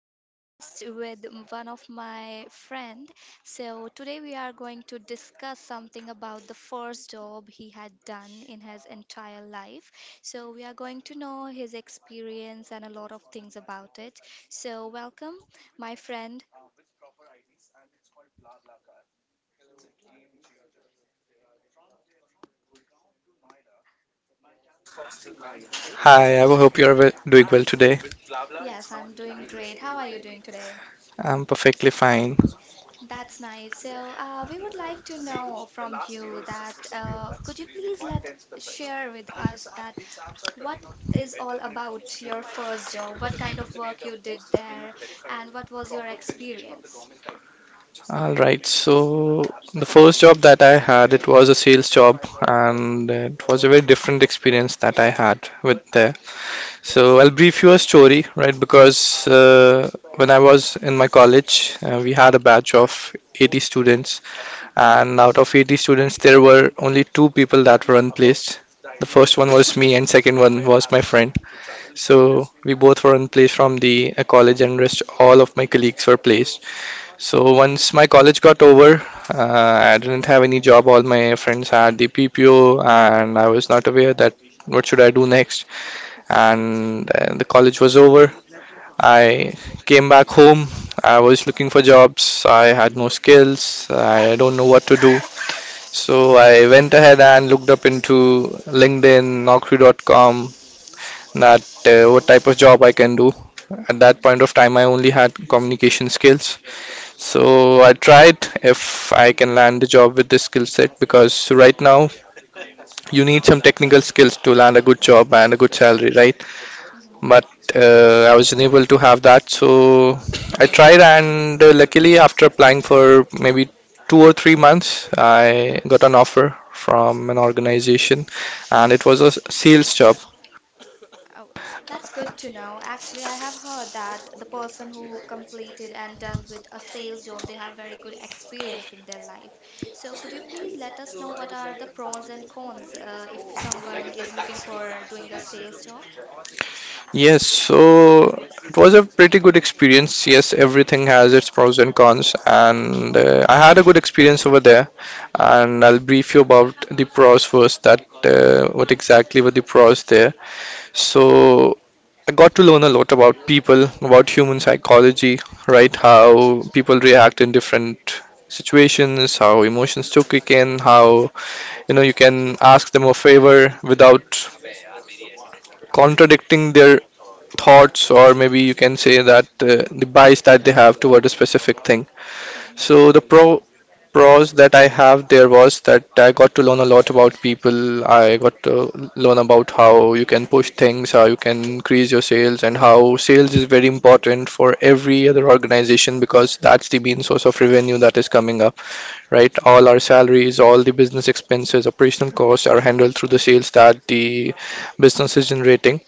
podcast with one of my friend. So today we are going to discuss something about the first job he had done in his entire life. So we are going to know his experience and a lot of things about it. So welcome, my friend. Hi, I hope you're well, doing well today. Yes, I'm doing great. How are you doing today? I'm perfectly fine. That's nice. So, we would like to know from you that could you please let share with us that what is all about your first job, what kind of work you did there, and what was your experience? All right. So the first job that I had, it was a sales job, and it was a very different experience that I had with there. So I'll brief you a story, right? Because when I was in my college, we had a batch of 80 students, Mhm, and out of 80 students, there were only two people that were unplaced. The first one was me, and second one was my friend. So we both were in place from the college, and rest all of my colleagues were placed. So once my college got over, I didn't have any job. All my friends had the PPO, and I was not aware that what should I do next. And the college was over. I came back home. I was looking for jobs. I had no skills. I don't know what to do. So I went ahead and looked up into LinkedIn, Naukri.com, that what type of job I can do. At that mhm, point of time, I only had communication skills, so I tried if I can land a job with this skill set because right now you need some technical skills to land a good job and a good salary, right? mhm, But I was unable to have that, so I tried, and luckily, after applying for maybe 2 or 3 months, mhm. I got an offer from an organization, and it was a sales job. Oh, that's good to know. Actually, I have heard that the person who completed and done with a sales job, they have very good experience in their life. So, could you please let us know what are the pros and cons if someone is looking for doing a sales job? Yes, so it was a pretty good experience. Yes, everything has its pros and cons, and I had a good experience over there. And I'll brief you about the pros first. That what exactly were the pros there? So I got to learn a lot about people, about human psychology, right? How people react in different situations, how emotions to kick in, how you know you can ask them a favor without contradicting their thoughts or maybe you can say that the bias that they have toward a specific thing, Hmm so the pros that I have there was that I got to learn a lot about people. I got to learn about how you can push things, how you can increase your sales, and how sales is very important for every other organization because that's the main source of revenue that is coming up, right? All our salaries, all the business expenses, operational costs are handled through the sales that the business is generating.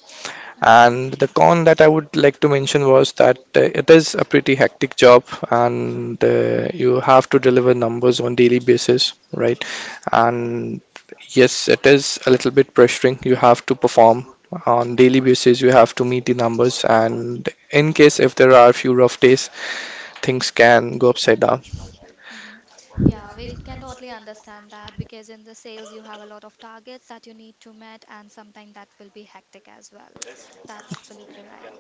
And the con that I would like to mention was that it is a pretty hectic job, and you have to deliver numbers on daily basis, right? hmm And yes, it is a little bit pressuring. You have to perform on daily Correct. basis. You have to meet the numbers, and in case if there are a few rough days, things can go upside down, Hmm Yeah, we can totally understand that because in the sales you have a lot of targets that you need to meet, and sometimes that will be hectic as well. That's absolutely right.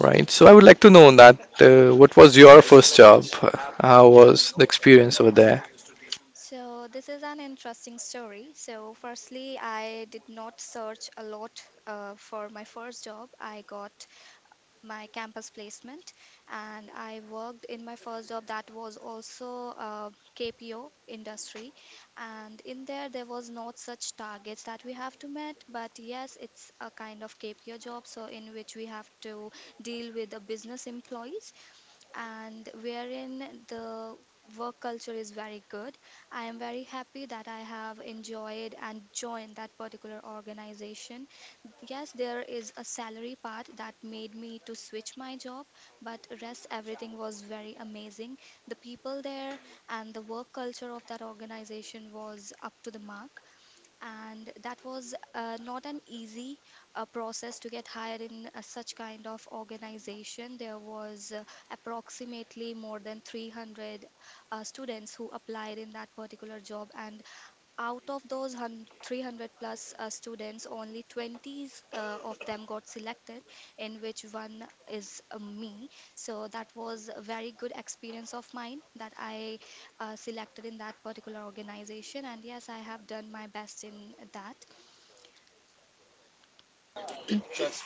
right? So I would like to know that what was your first job? How was the experience over there? So this is an interesting story. So firstly, I did not search a lot for my first job. I got my campus placement and I worked in my first job that was also KPO industry, and in there there was not such targets that we have to met, but yes, it's a kind of KPO job, so in which we have to deal with the business employees and wherein the work culture is very good. I am very happy that I have enjoyed and joined that particular organization. Yes, there is a salary part that made me to switch my job, but rest everything was very amazing. The people there and the work culture of that organization was up to the mark, and that was not an easy process to get hired in such kind of organization. There was approximately more than 300 students who applied in that particular job, and out of those 300 plus students, only 20 of them got selected, in which one is me. So that was a very good experience of mine that I selected in that particular organization. And yes, I have done my best in that.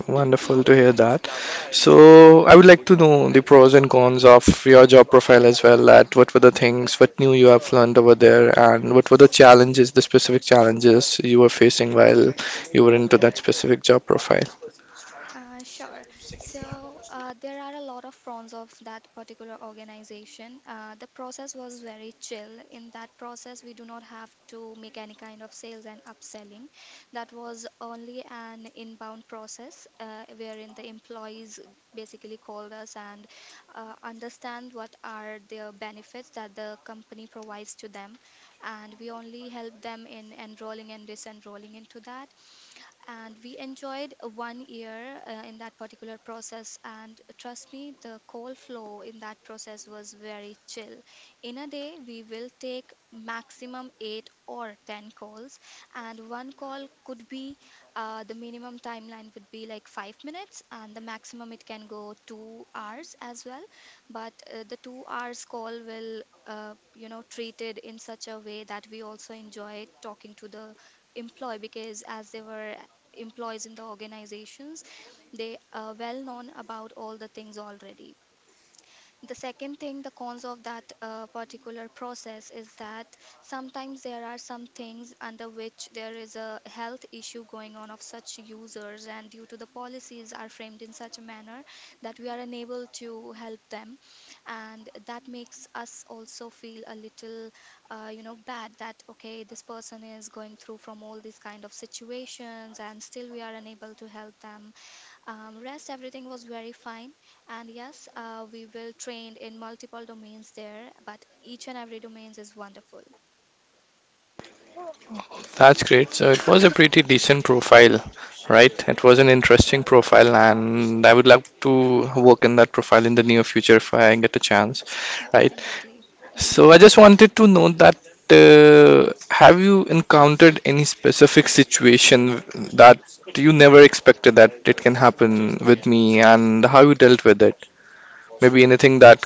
Wonderful to hear that. So, I would like to know the pros and cons of your job profile as well. That what were the things, what new you have learned over there, and what were the challenges, the specific challenges you were facing while you were into that specific job profile. Sure. So there are a lot of fronts of that particular organization. The process was very chill. In that process, we do not have to make any kind of sales and upselling. That was only an inbound process wherein the employees basically called us and understand what are the benefits that the company provides to them. And we only help them in enrolling and disenrolling into that, and we enjoyed 1 year in that particular process, and trust me, the coal flow in that process was very chill. In a day we will take maximum 8 or 10 calls, and one call could be, the minimum timeline would be like 5 minutes and the maximum it can go 2 hours as well. But the 2 hours call will, you know, treated in such a way that we also enjoy talking to the employ, because as they were employees in the organizations, they are well known about all the things already. The second thing, the cons of that particular process is that sometimes there are some things under which there is a health issue going on of such users, and due to the policies are framed in such a manner that we are unable to help them, and that makes us also feel a little, bad that okay, this person is going through from all these kind of situations, and still we are unable to help them. Rest everything was very fine, and yes, we will train in multiple domains there, but each and every domains is wonderful. That's great. So, it was a pretty decent profile, right? It was an interesting profile, and I would love to work in that profile in the near future if I get a chance, right? Definitely. Hmm So I just wanted to know that have you encountered any specific situation that you never expected that it can happen with me and how you dealt with it? Maybe anything that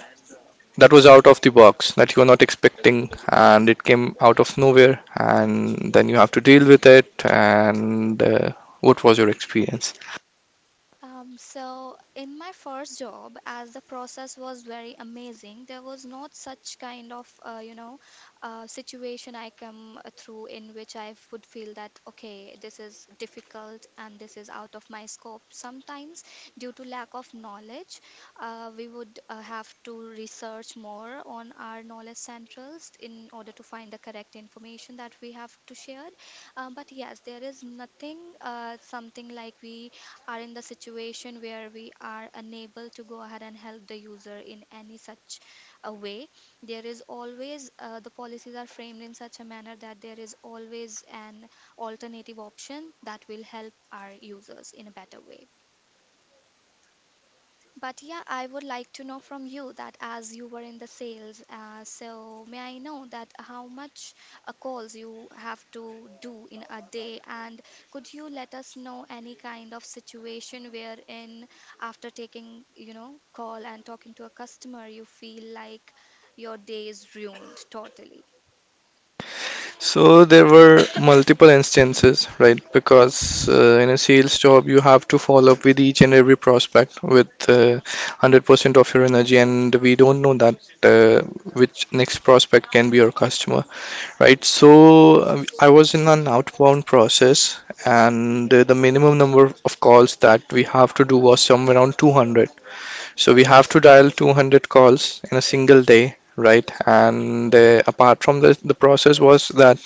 was out of the box that you were not expecting and it came out of nowhere and then you have to deal with it and what was your experience? So in my first job, as the process was very amazing, there was not such kind of situation I come through in which I would feel that okay, this is difficult and this is out of my scope. Sometimes, due to lack of knowledge, we would have to research more on our knowledge centrals in order to find the correct information that we have to share. But yes, there is nothing something like we are in the situation where we are unable to go ahead and help the user in any such a way. There is always the policies are framed in such a manner that there is always an alternative option that will help our users in a better way. But yeah, I would like to know from you that as you were in the sales, so may I know that how much calls you have to do in a day, and could you let us know any kind of situation wherein after taking, you know, call and talking to a customer, you feel like your day is ruined totally? So there were multiple instances, right? Because in a sales job, you have to follow up with each and every prospect with 100% of your energy, and we don't know that which next prospect can be your customer, right? So I was in an outbound process, and the minimum number of calls that we have to do was somewhere around 200. So we have to dial 200 calls in a single day, right? And apart from this, the process was that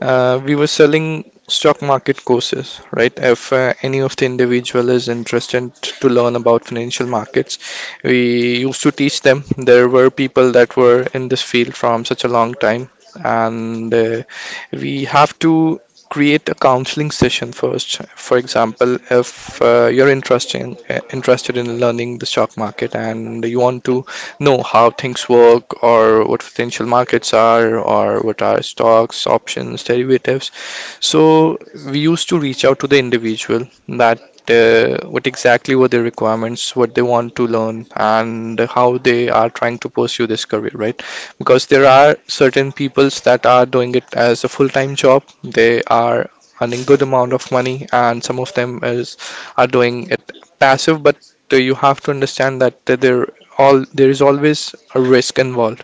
we were selling stock market courses, right? If any of the individual is interested to learn about financial markets, we used to teach them. There were people that were in this field from such a long time, Hmm and we have to create a counseling session first. For example, if you're interested in learning the stock market and you want to know how things work or what potential markets are or what are stocks, options, derivatives. So we used to reach out to the individual that what exactly were their requirements, what they want to learn, and how they are trying to pursue this career, right? Because there are certain peoples that are doing it as a full-time job. They are earning good amount of money, and some of them is are doing it passive, but you have to understand that there is always a risk involved.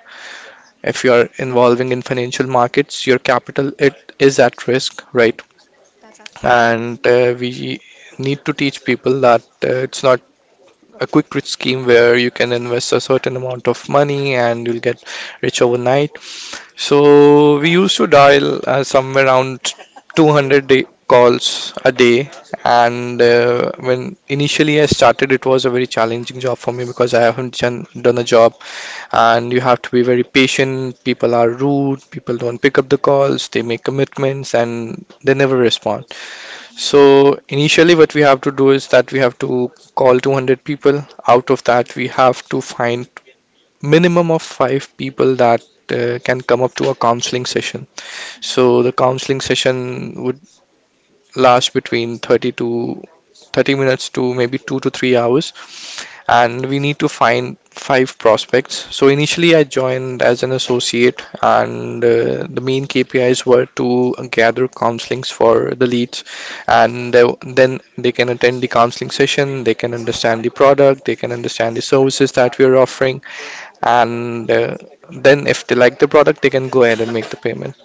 If you are involving in financial markets, your capital it is at risk, right? That's absolutely And right. uh, we need to teach people that it's not a quick rich scheme where you can invest a certain amount of money and you'll get rich overnight. So we used to dial somewhere around 200-day calls a day, and when initially I started, it was a very challenging job for me because I haven't done a job, and you have to be very patient. People are rude, people don't pick up the calls, they make commitments, and they never respond. So, initially, what we have to do is that we have to call 200 people. Out of that, we have to find minimum of five people that can come up to a counseling session. hmm So, the counseling session would last between 30 minutes to maybe 2 to 3 hours, and we need to find five prospects. So initially, I joined as an associate, and the main KPIs were to gather counselings for the leads, and then they can attend the counseling session, they can understand the product, they can understand the services that we are offering, and then if they like the product, they can go ahead and make the payment.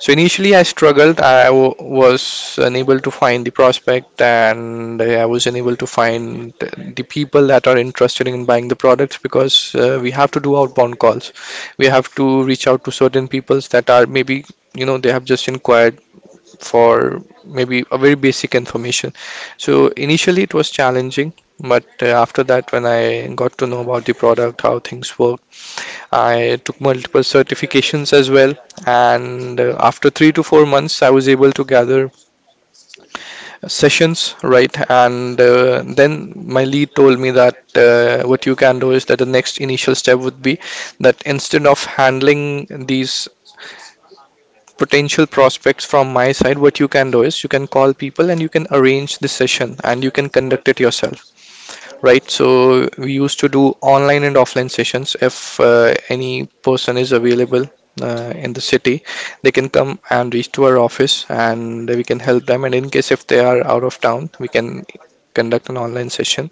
So initially, I struggled. Was unable to find the prospect, and I was unable to find the people that are interested in buying the products because we have to do outbound calls. We have to reach out to certain peoples that are maybe you know they have just inquired for maybe a very basic information. So initially, it was challenging, but after that, when I got to know about the product, how things work, I took multiple certifications as well, and after 3 to 4 months, I was able to gather sessions, right? And then my lead told me that what you can do is that the next initial step would be that instead of handling these potential prospects from my side, what you can do is you can call people and you can arrange the session and you can conduct it yourself. Right? hmm So we used to do online and offline sessions. If any person is available in the city, they can come and reach to our office, and we can help them. And in case if they are out of town, we can conduct an online session.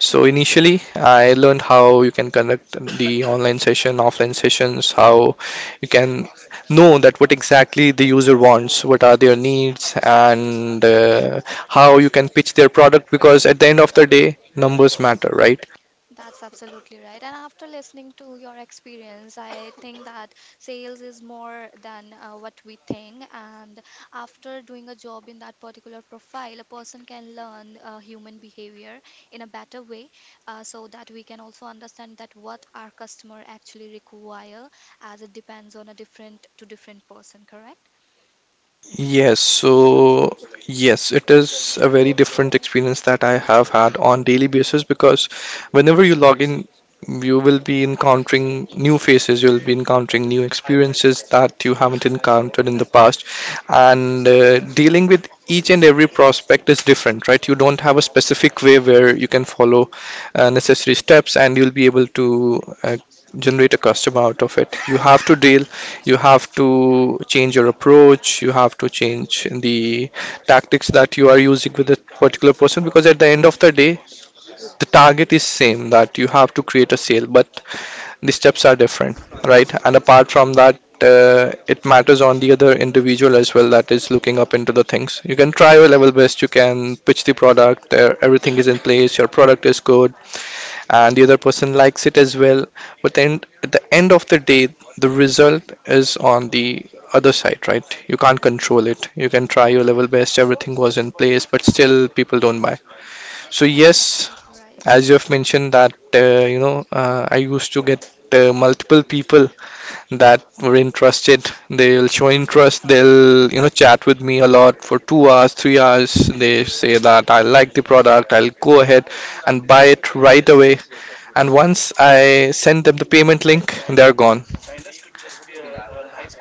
So initially, I learned how you can conduct the online session, offline sessions, how you can know that what exactly the user wants, what are their needs, and how you can pitch their product because at the end of the day, numbers matter, right? That's absolutely right. And after listening to your experience, I think that sales is more than what we think. And after doing a job in that particular profile, a person can learn human behavior in a better way, so that we can also understand that what our customer actually require, as it depends on a different to different person, correct? Yes, so yes, it is a very different experience that I have had on daily basis because whenever you log in, you will be encountering new faces, you'll be encountering new experiences that you haven't encountered in the past, Mhm, and dealing with each and every prospect is different, right? You don't have a specific way where you can follow necessary steps and you'll be able to generate a customer out of it. You have to change your approach, you have to change the tactics that you are using with a particular person, because at the end of the day, the target is same, that you have to create a sale, but the steps are different, right? And apart from that, it matters on the other individual as well that is looking up into the things. You can try your level best, you can pitch the product, everything is in place, your product is good, and the other person likes it as well. But then at the end of the day, the result is on the other side, right? You can't mhm. control it, you can try your level best, everything was in place, but still people don't buy. So yes, That's absolutely right. as you have mentioned that I used to get multiple people that were interested. They'll show interest. They'll chat with me a lot for 2 hours, 3 hours. They say that I like the product. I'll go ahead and buy it right away. And once I send them the payment link, they're gone. Oh,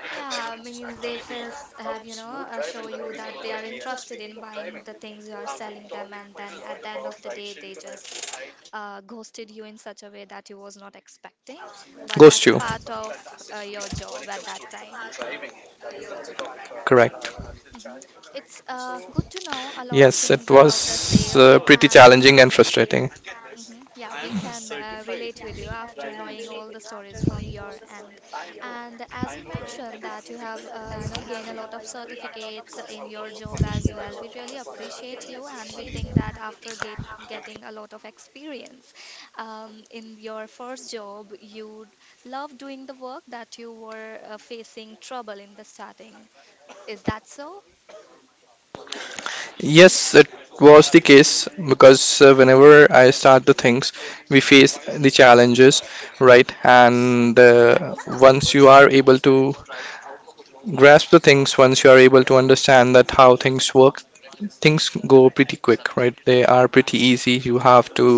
yeah, means they first have, you know, show you that they are interested in buying the things you are selling them, and then at the end of the day, they just ghosted you Ghost in you. such a way that you was not expecting. But that's a part of your job at that time. Correct. Hmm Yes, It's it good to was know a lot of pretty things challenging about and the frustrating. sales, and hmm yeah, we can relate with you after knowing all the stories from your end. And as you mentioned that you have, gained a lot of certificates in your job as well. We really appreciate you, and we think that after getting a lot of experience in your first job, you love doing the work that you were facing trouble in the starting. Is that so? Yes, it was the case because whenever I start the things, we face the challenges, right? And once you are able to grasp the things, once you are able to understand that how things work, things go pretty quick, right? They are pretty easy. you have to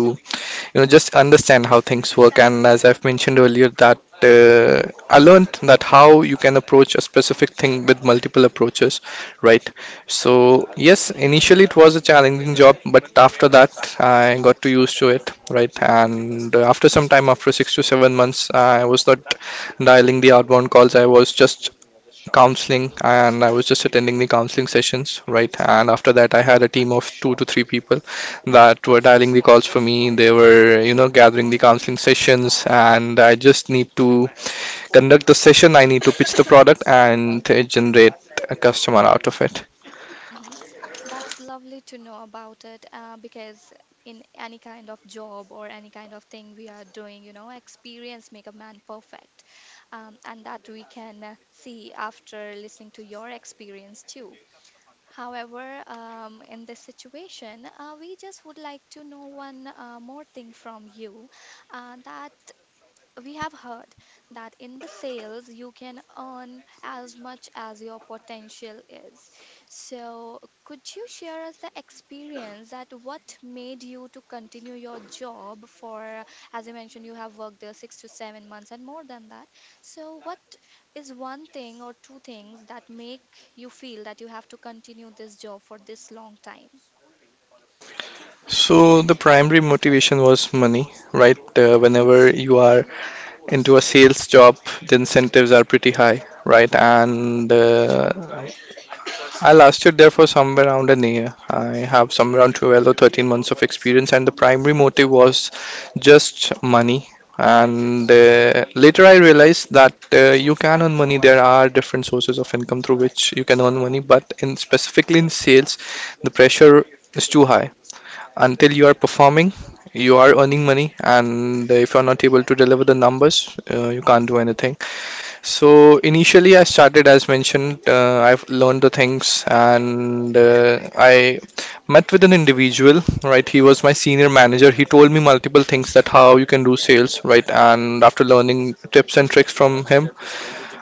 you know just understand how things work. And as I've mentioned earlier that I learned that how you can approach a specific thing with multiple approaches, right? So yes, initially it was a challenging job, but after that I got to used to it, right? And after some time, after 6 to 7 months, I was not dialing the outbound calls, I was just counseling, and I was just attending the counseling sessions, right? And after that, I had a team of two to three people that were dialing the calls for me. They were gathering the counseling sessions, and I just need to conduct the session. I need to pitch the product and generate a customer out of it. Mhm. That's lovely to know about it, because in any kind of job or any kind of thing we are doing, you know, experience make a man perfect. And that we can see after listening to your experience too. However, in this situation, we just would like to know one more thing from you that we have heard that in the sales you can earn as much as your potential is. So, could you share us the experience that what made you to continue your job for, as you mentioned, you have worked there 6 to 7 months and more than that. So, what is one thing or two things that make you feel that you have to continue this job for this long time? So the primary motivation was money, right? Whenever you are into a sales job, the incentives are pretty high, right? And I lasted there for somewhere around a year. I have somewhere around 12 or 13 months of experience, and the primary motive was just money. And later, I realized that you can earn money. There are different sources of income through which you can earn money, but in specifically in sales, the pressure is too high. Until you are performing, you are earning money, and if you are not able to deliver the numbers, you Mhm, can't do anything. So initially, I started as mentioned. I've learned the things, and I met with an individual. Right, he was my senior manager. He told me multiple things that how you can do sales. Right, and after learning tips and tricks from him,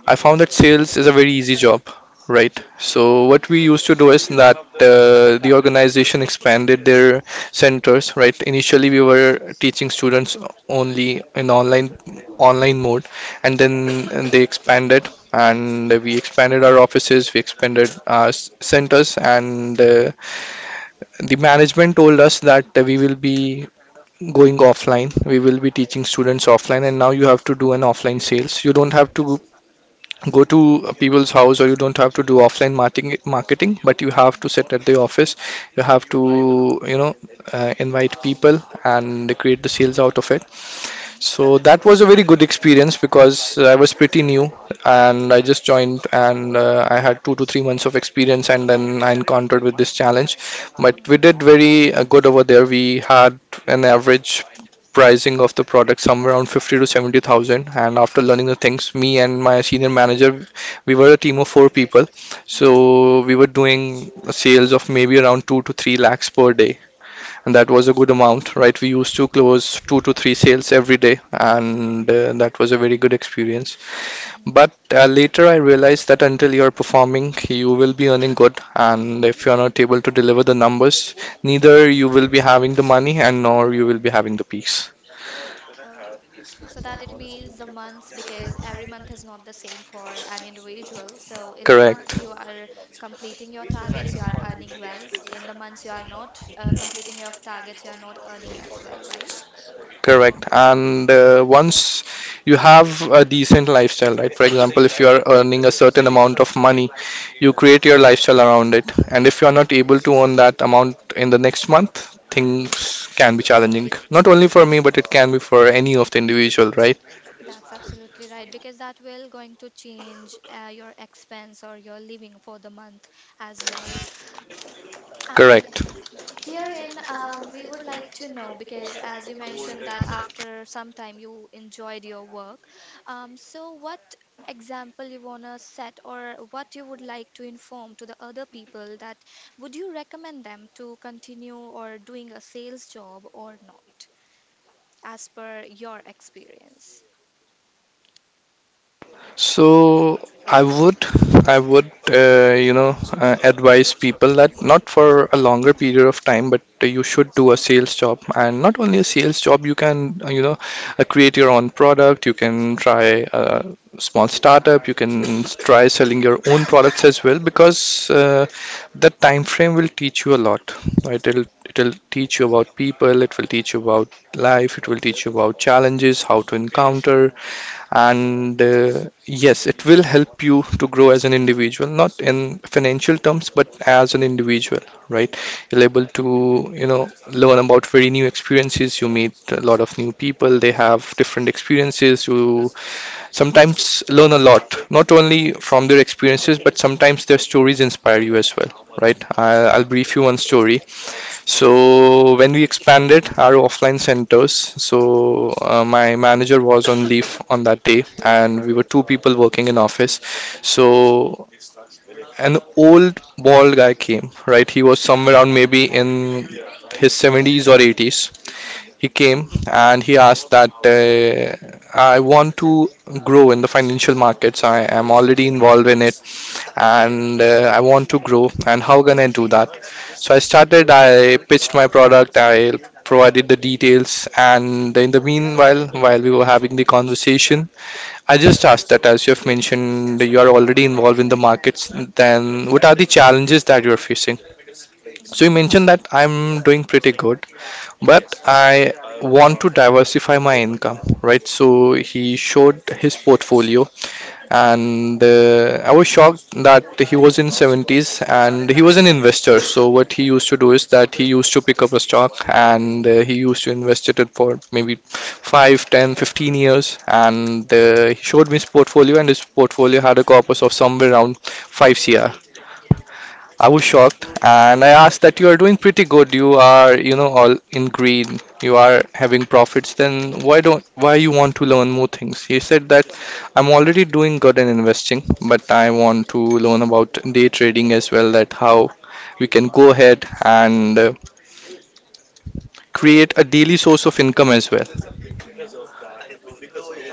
I found that sales is a very easy job, right? So what we used to do is that the organization expanded their centers, right? Initially, we were teaching students only in online mode, and then they expanded, and we expanded our offices, we expanded our centers, and the management told us that we will be going offline, we will be teaching students offline, and now you have to do an offline sales. You don't have to go to people's house, or you don't have to do offline marketing, but you have to mhm, sit at the office. You have to invite people and create the sales out of it. mhm, So that was a very good experience because I was pretty new and I just joined, and I had 2 to 3 months of experience, and then I encountered with this challenge. But mhm, we did very good over there. We had an average pricing of the product somewhere around 50 to 70,000, and after learning the things, me and my senior manager, we were a team of four people, mhm. so we were doing sales of maybe around 2 to 3 lakhs per day. And that was a good amount, right? We used to close two to three sales every day, and that was a very good experience. But later I realized that until you're performing, you will be earning good, and if you're not able to deliver the numbers, neither you will be having the money, and nor you will be having the peace. Mhm. So that it means the months, because every month is not the same for an individual. So in the months Correct. you are completing your targets, you are earning well. In the months you are not completing your targets, you are not earning as well, right? Correct. And once you have a decent lifestyle, right? For example, if you are earning a certain amount of money, you create your lifestyle around it. And if you are not able to earn that amount in the next month, Mhm. things can be challenging. Not only for me, but it can be for any of the individual, right? That's absolutely right, because that will going to change your expense or your living for the month as well. And Correct. herein, we would like to know, because, as you mentioned, that after some time you enjoyed your work. So, what example you want to set or what you would like to inform to the other people, that would you recommend them to continue or doing a sales job or not, as per your experience? So I would, I would advise people that not for a longer period of time, but you should do a sales job. And not only a sales job, you can create your own product. You can try a small startup. You can try selling your own products as well, because that time frame will teach you a lot. Right? It'll teach you about people. It will teach you about life. It will teach you about challenges, how to encounter. And yes, it will help you to grow as an individual, not in financial terms but as an individual, right? You're able to learn about very new experiences. You meet a lot of new people. They have different experiences. You sometimes learn a lot, not only from their experiences, but sometimes their stories inspire you as well, right? I'll brief you one story. So when we expanded our offline centers, so my manager was on leave on that day, and we were two people working in office. So an old bald guy came, right? He was somewhere around maybe in his 70s or 80s. He Hmm came, and he asked that I want to grow in the financial markets. I am already involved in it, and I want to grow, and how can I do that? So I started, I pitched my product, I provided the details, and in the meanwhile, while we were having the conversation, I just asked that, as you have mentioned, you are already involved in the markets, then what are the challenges that you are facing. hmm So you mentioned that I'm doing pretty good, but I want to diversify my income, right? So he showed his portfolio, and I was shocked that he was in 70s, and he was an investor. So what he used to do is that he used to pick up a stock, and he used to invest it for maybe 5, 10, 15 years, and he showed me his portfolio, and his portfolio had a corpus of somewhere around 5 cr. I was shocked, and I asked that you are doing pretty good. You are all in green. You are having profits. Then why don't why you want to learn more things? He said that I'm already doing good in investing, but I hmm want to learn about day trading as well, that how we can go ahead and create a daily source of income as well. hmm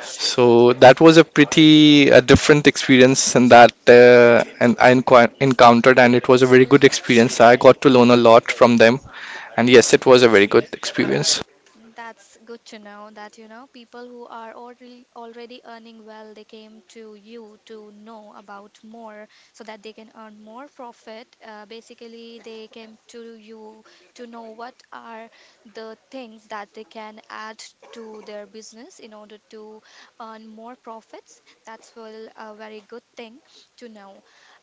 So that was a pretty different experience, and that and I enqu- encountered, and it was a very good experience. I got to learn a lot from them. And yes, it was a very good experience. That's good to know that you know people who are already already earning well, they came to you to know about more so that they can earn more profit. Basically, they came to you to know what are the things that they can add to their business in order to earn more profits. That's well a very good thing to know.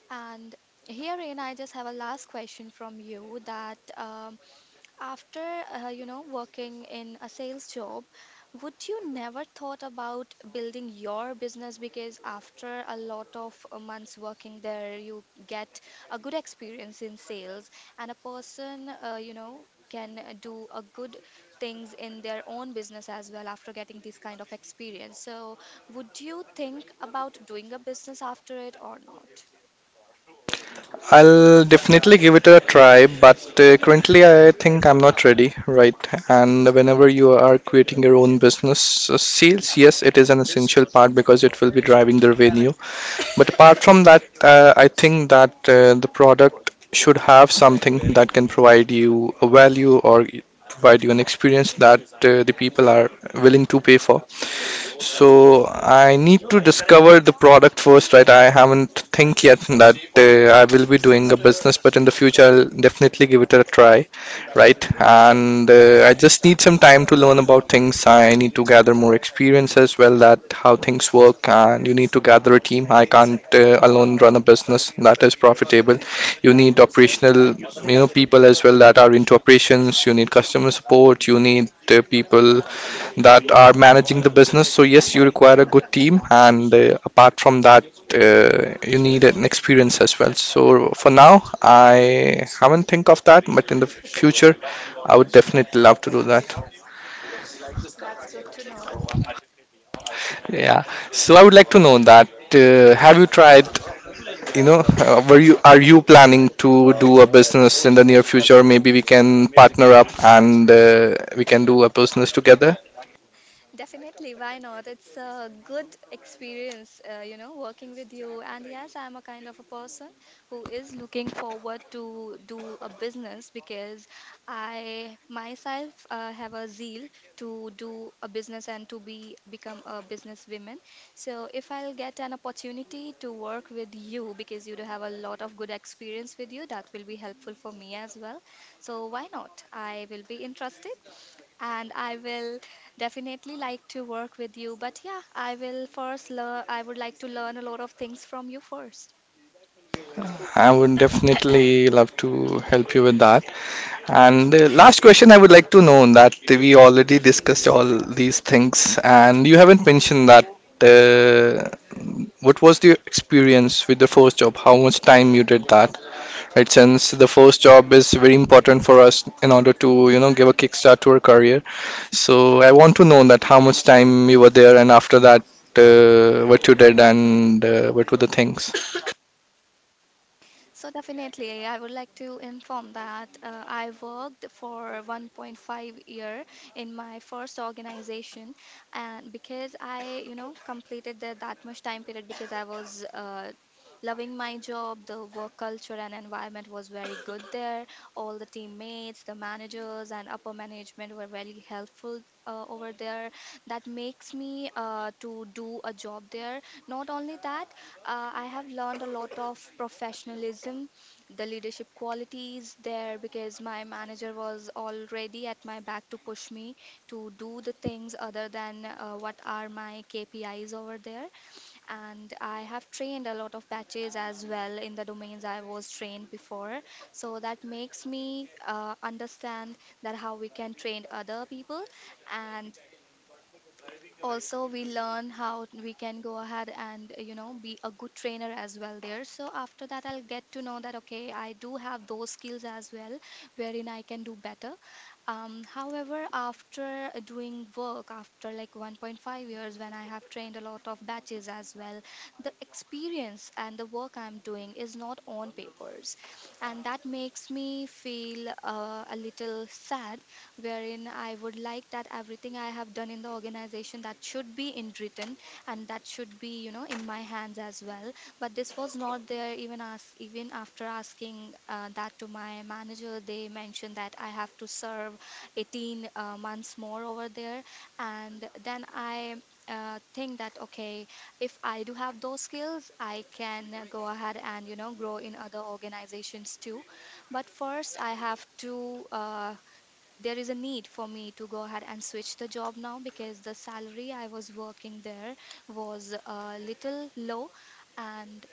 And herein, I just have a last question from you that. After, working in a sales job, would you never thought about building your business? Because after a lot of months working there, you get a good experience in sales, and a person, can do a good things in their own business as well after getting this kind of experience. So, would you think about doing a business after it or not? I'll definitely give it a try, but currently I think I'm not ready, right? And whenever you are creating your own business, sales, yes, it is an essential part because it will be driving the revenue. But apart from that, I think that the product should have something that can provide you a value or provide you an experience that the people are willing to pay for. So I need to discover the product first, right? I haven't think yet that I will be doing a business, but in the future I'll definitely give it a try, right? And I just need some time to learn about things. I need to gather more experience as well that how things work, and you need to gather a team. I can't alone run a business that is profitable. You need operational people as well that are into operations. You need customer support. You need people that are managing the business. So yes, you require a good team, and apart from that, you need an experience as well. So for now, I haven't think of that, but in the future, I would Mhm. definitely love to do that. That's good to know. Yeah. So I would like to know that have you tried? You know, were you are you planning to do a business in the near future? Maybe we can partner up, and we can do a business together. Definitely, why not? It's a good experience, working with you. And yes, I'm a kind of a person who is looking forward to do a business because I myself have a zeal to do a business and to be become a businesswoman. So if I'll get an opportunity to work with you because you do have a lot of good experience with you, that will be helpful for me as well. So why not? I will be interested and I will definitely like to work with you. But yeah, I would like to learn a lot of things from you first. I would definitely love to help you with that. And last question, I would like to know that we already discussed all these things, and you haven't mentioned that uh, what was your experience with the first job? How much time you did that? Right, Um, since the first job is very important for us in order to Mhm. Give a kickstart to our career. So I want to know that how much time you were there, and after that, what you did, and what were the things. So definitely, I would like to inform that I worked for 1.5 year in my first organization, and because I completed that much time period because I was loving my job. The work culture and environment was very good there. All the teammates, the managers, and upper management were very helpful over there. That makes me to do a job there. Not only that, I have learned a lot of professionalism, the leadership qualities there because my manager was already at my back to push me to do the things other than what are my KPIs over there, and I have trained a lot of batches as well in the domains I was trained before. So that makes me understand that how we can train other people, and also we learn how we can go ahead and be a good trainer as well there. So after that, I'll get to know that okay, I do have those skills as well, wherein I can do better. However, after doing work, after like 1.5 years, when I have trained a lot of batches as well, the experience and the work I'm doing is not on papers. And that makes me feel a little sad, wherein I would like that everything I have done in the organization that should be in written and that should be in my hands as well, but this was not there. Even as even after asking that to my manager, they mentioned that I have to serve 18 months more over there, and then I think that okay, if I do have those skills, I can go ahead and grow in other organizations too. But first I have to there is a need for me to go ahead and switch the job now, because the salary I was working there was a little low, and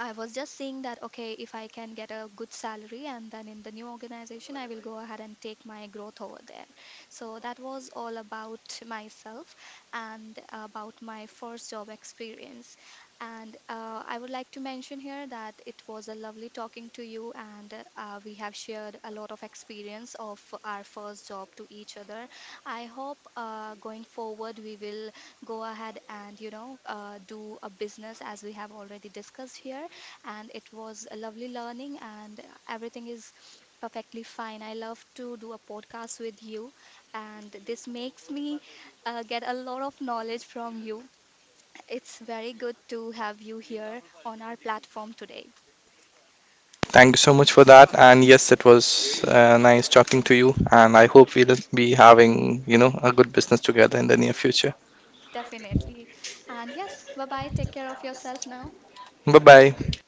I was just seeing that, okay, if I can get a good salary and then in the new organization, I will go ahead and take my growth over there. So that was all about myself and about my first job experience. And I would like to mention here that it was a lovely talking to you, and we have shared a lot of experience of our first job to each other. I hope going forward we will go ahead and do a business as we have already discussed here, and it was a lovely learning, and everything is perfectly fine. I love to do a podcast with you, and this makes me get a lot of knowledge from you. It's very good to have you here on our platform today. Thank you so much for that. And yes, it was nice talking to you. And I hope we'll be having a good business together in the near future. Definitely. And yes, bye bye, take care of yourself now. Bye bye.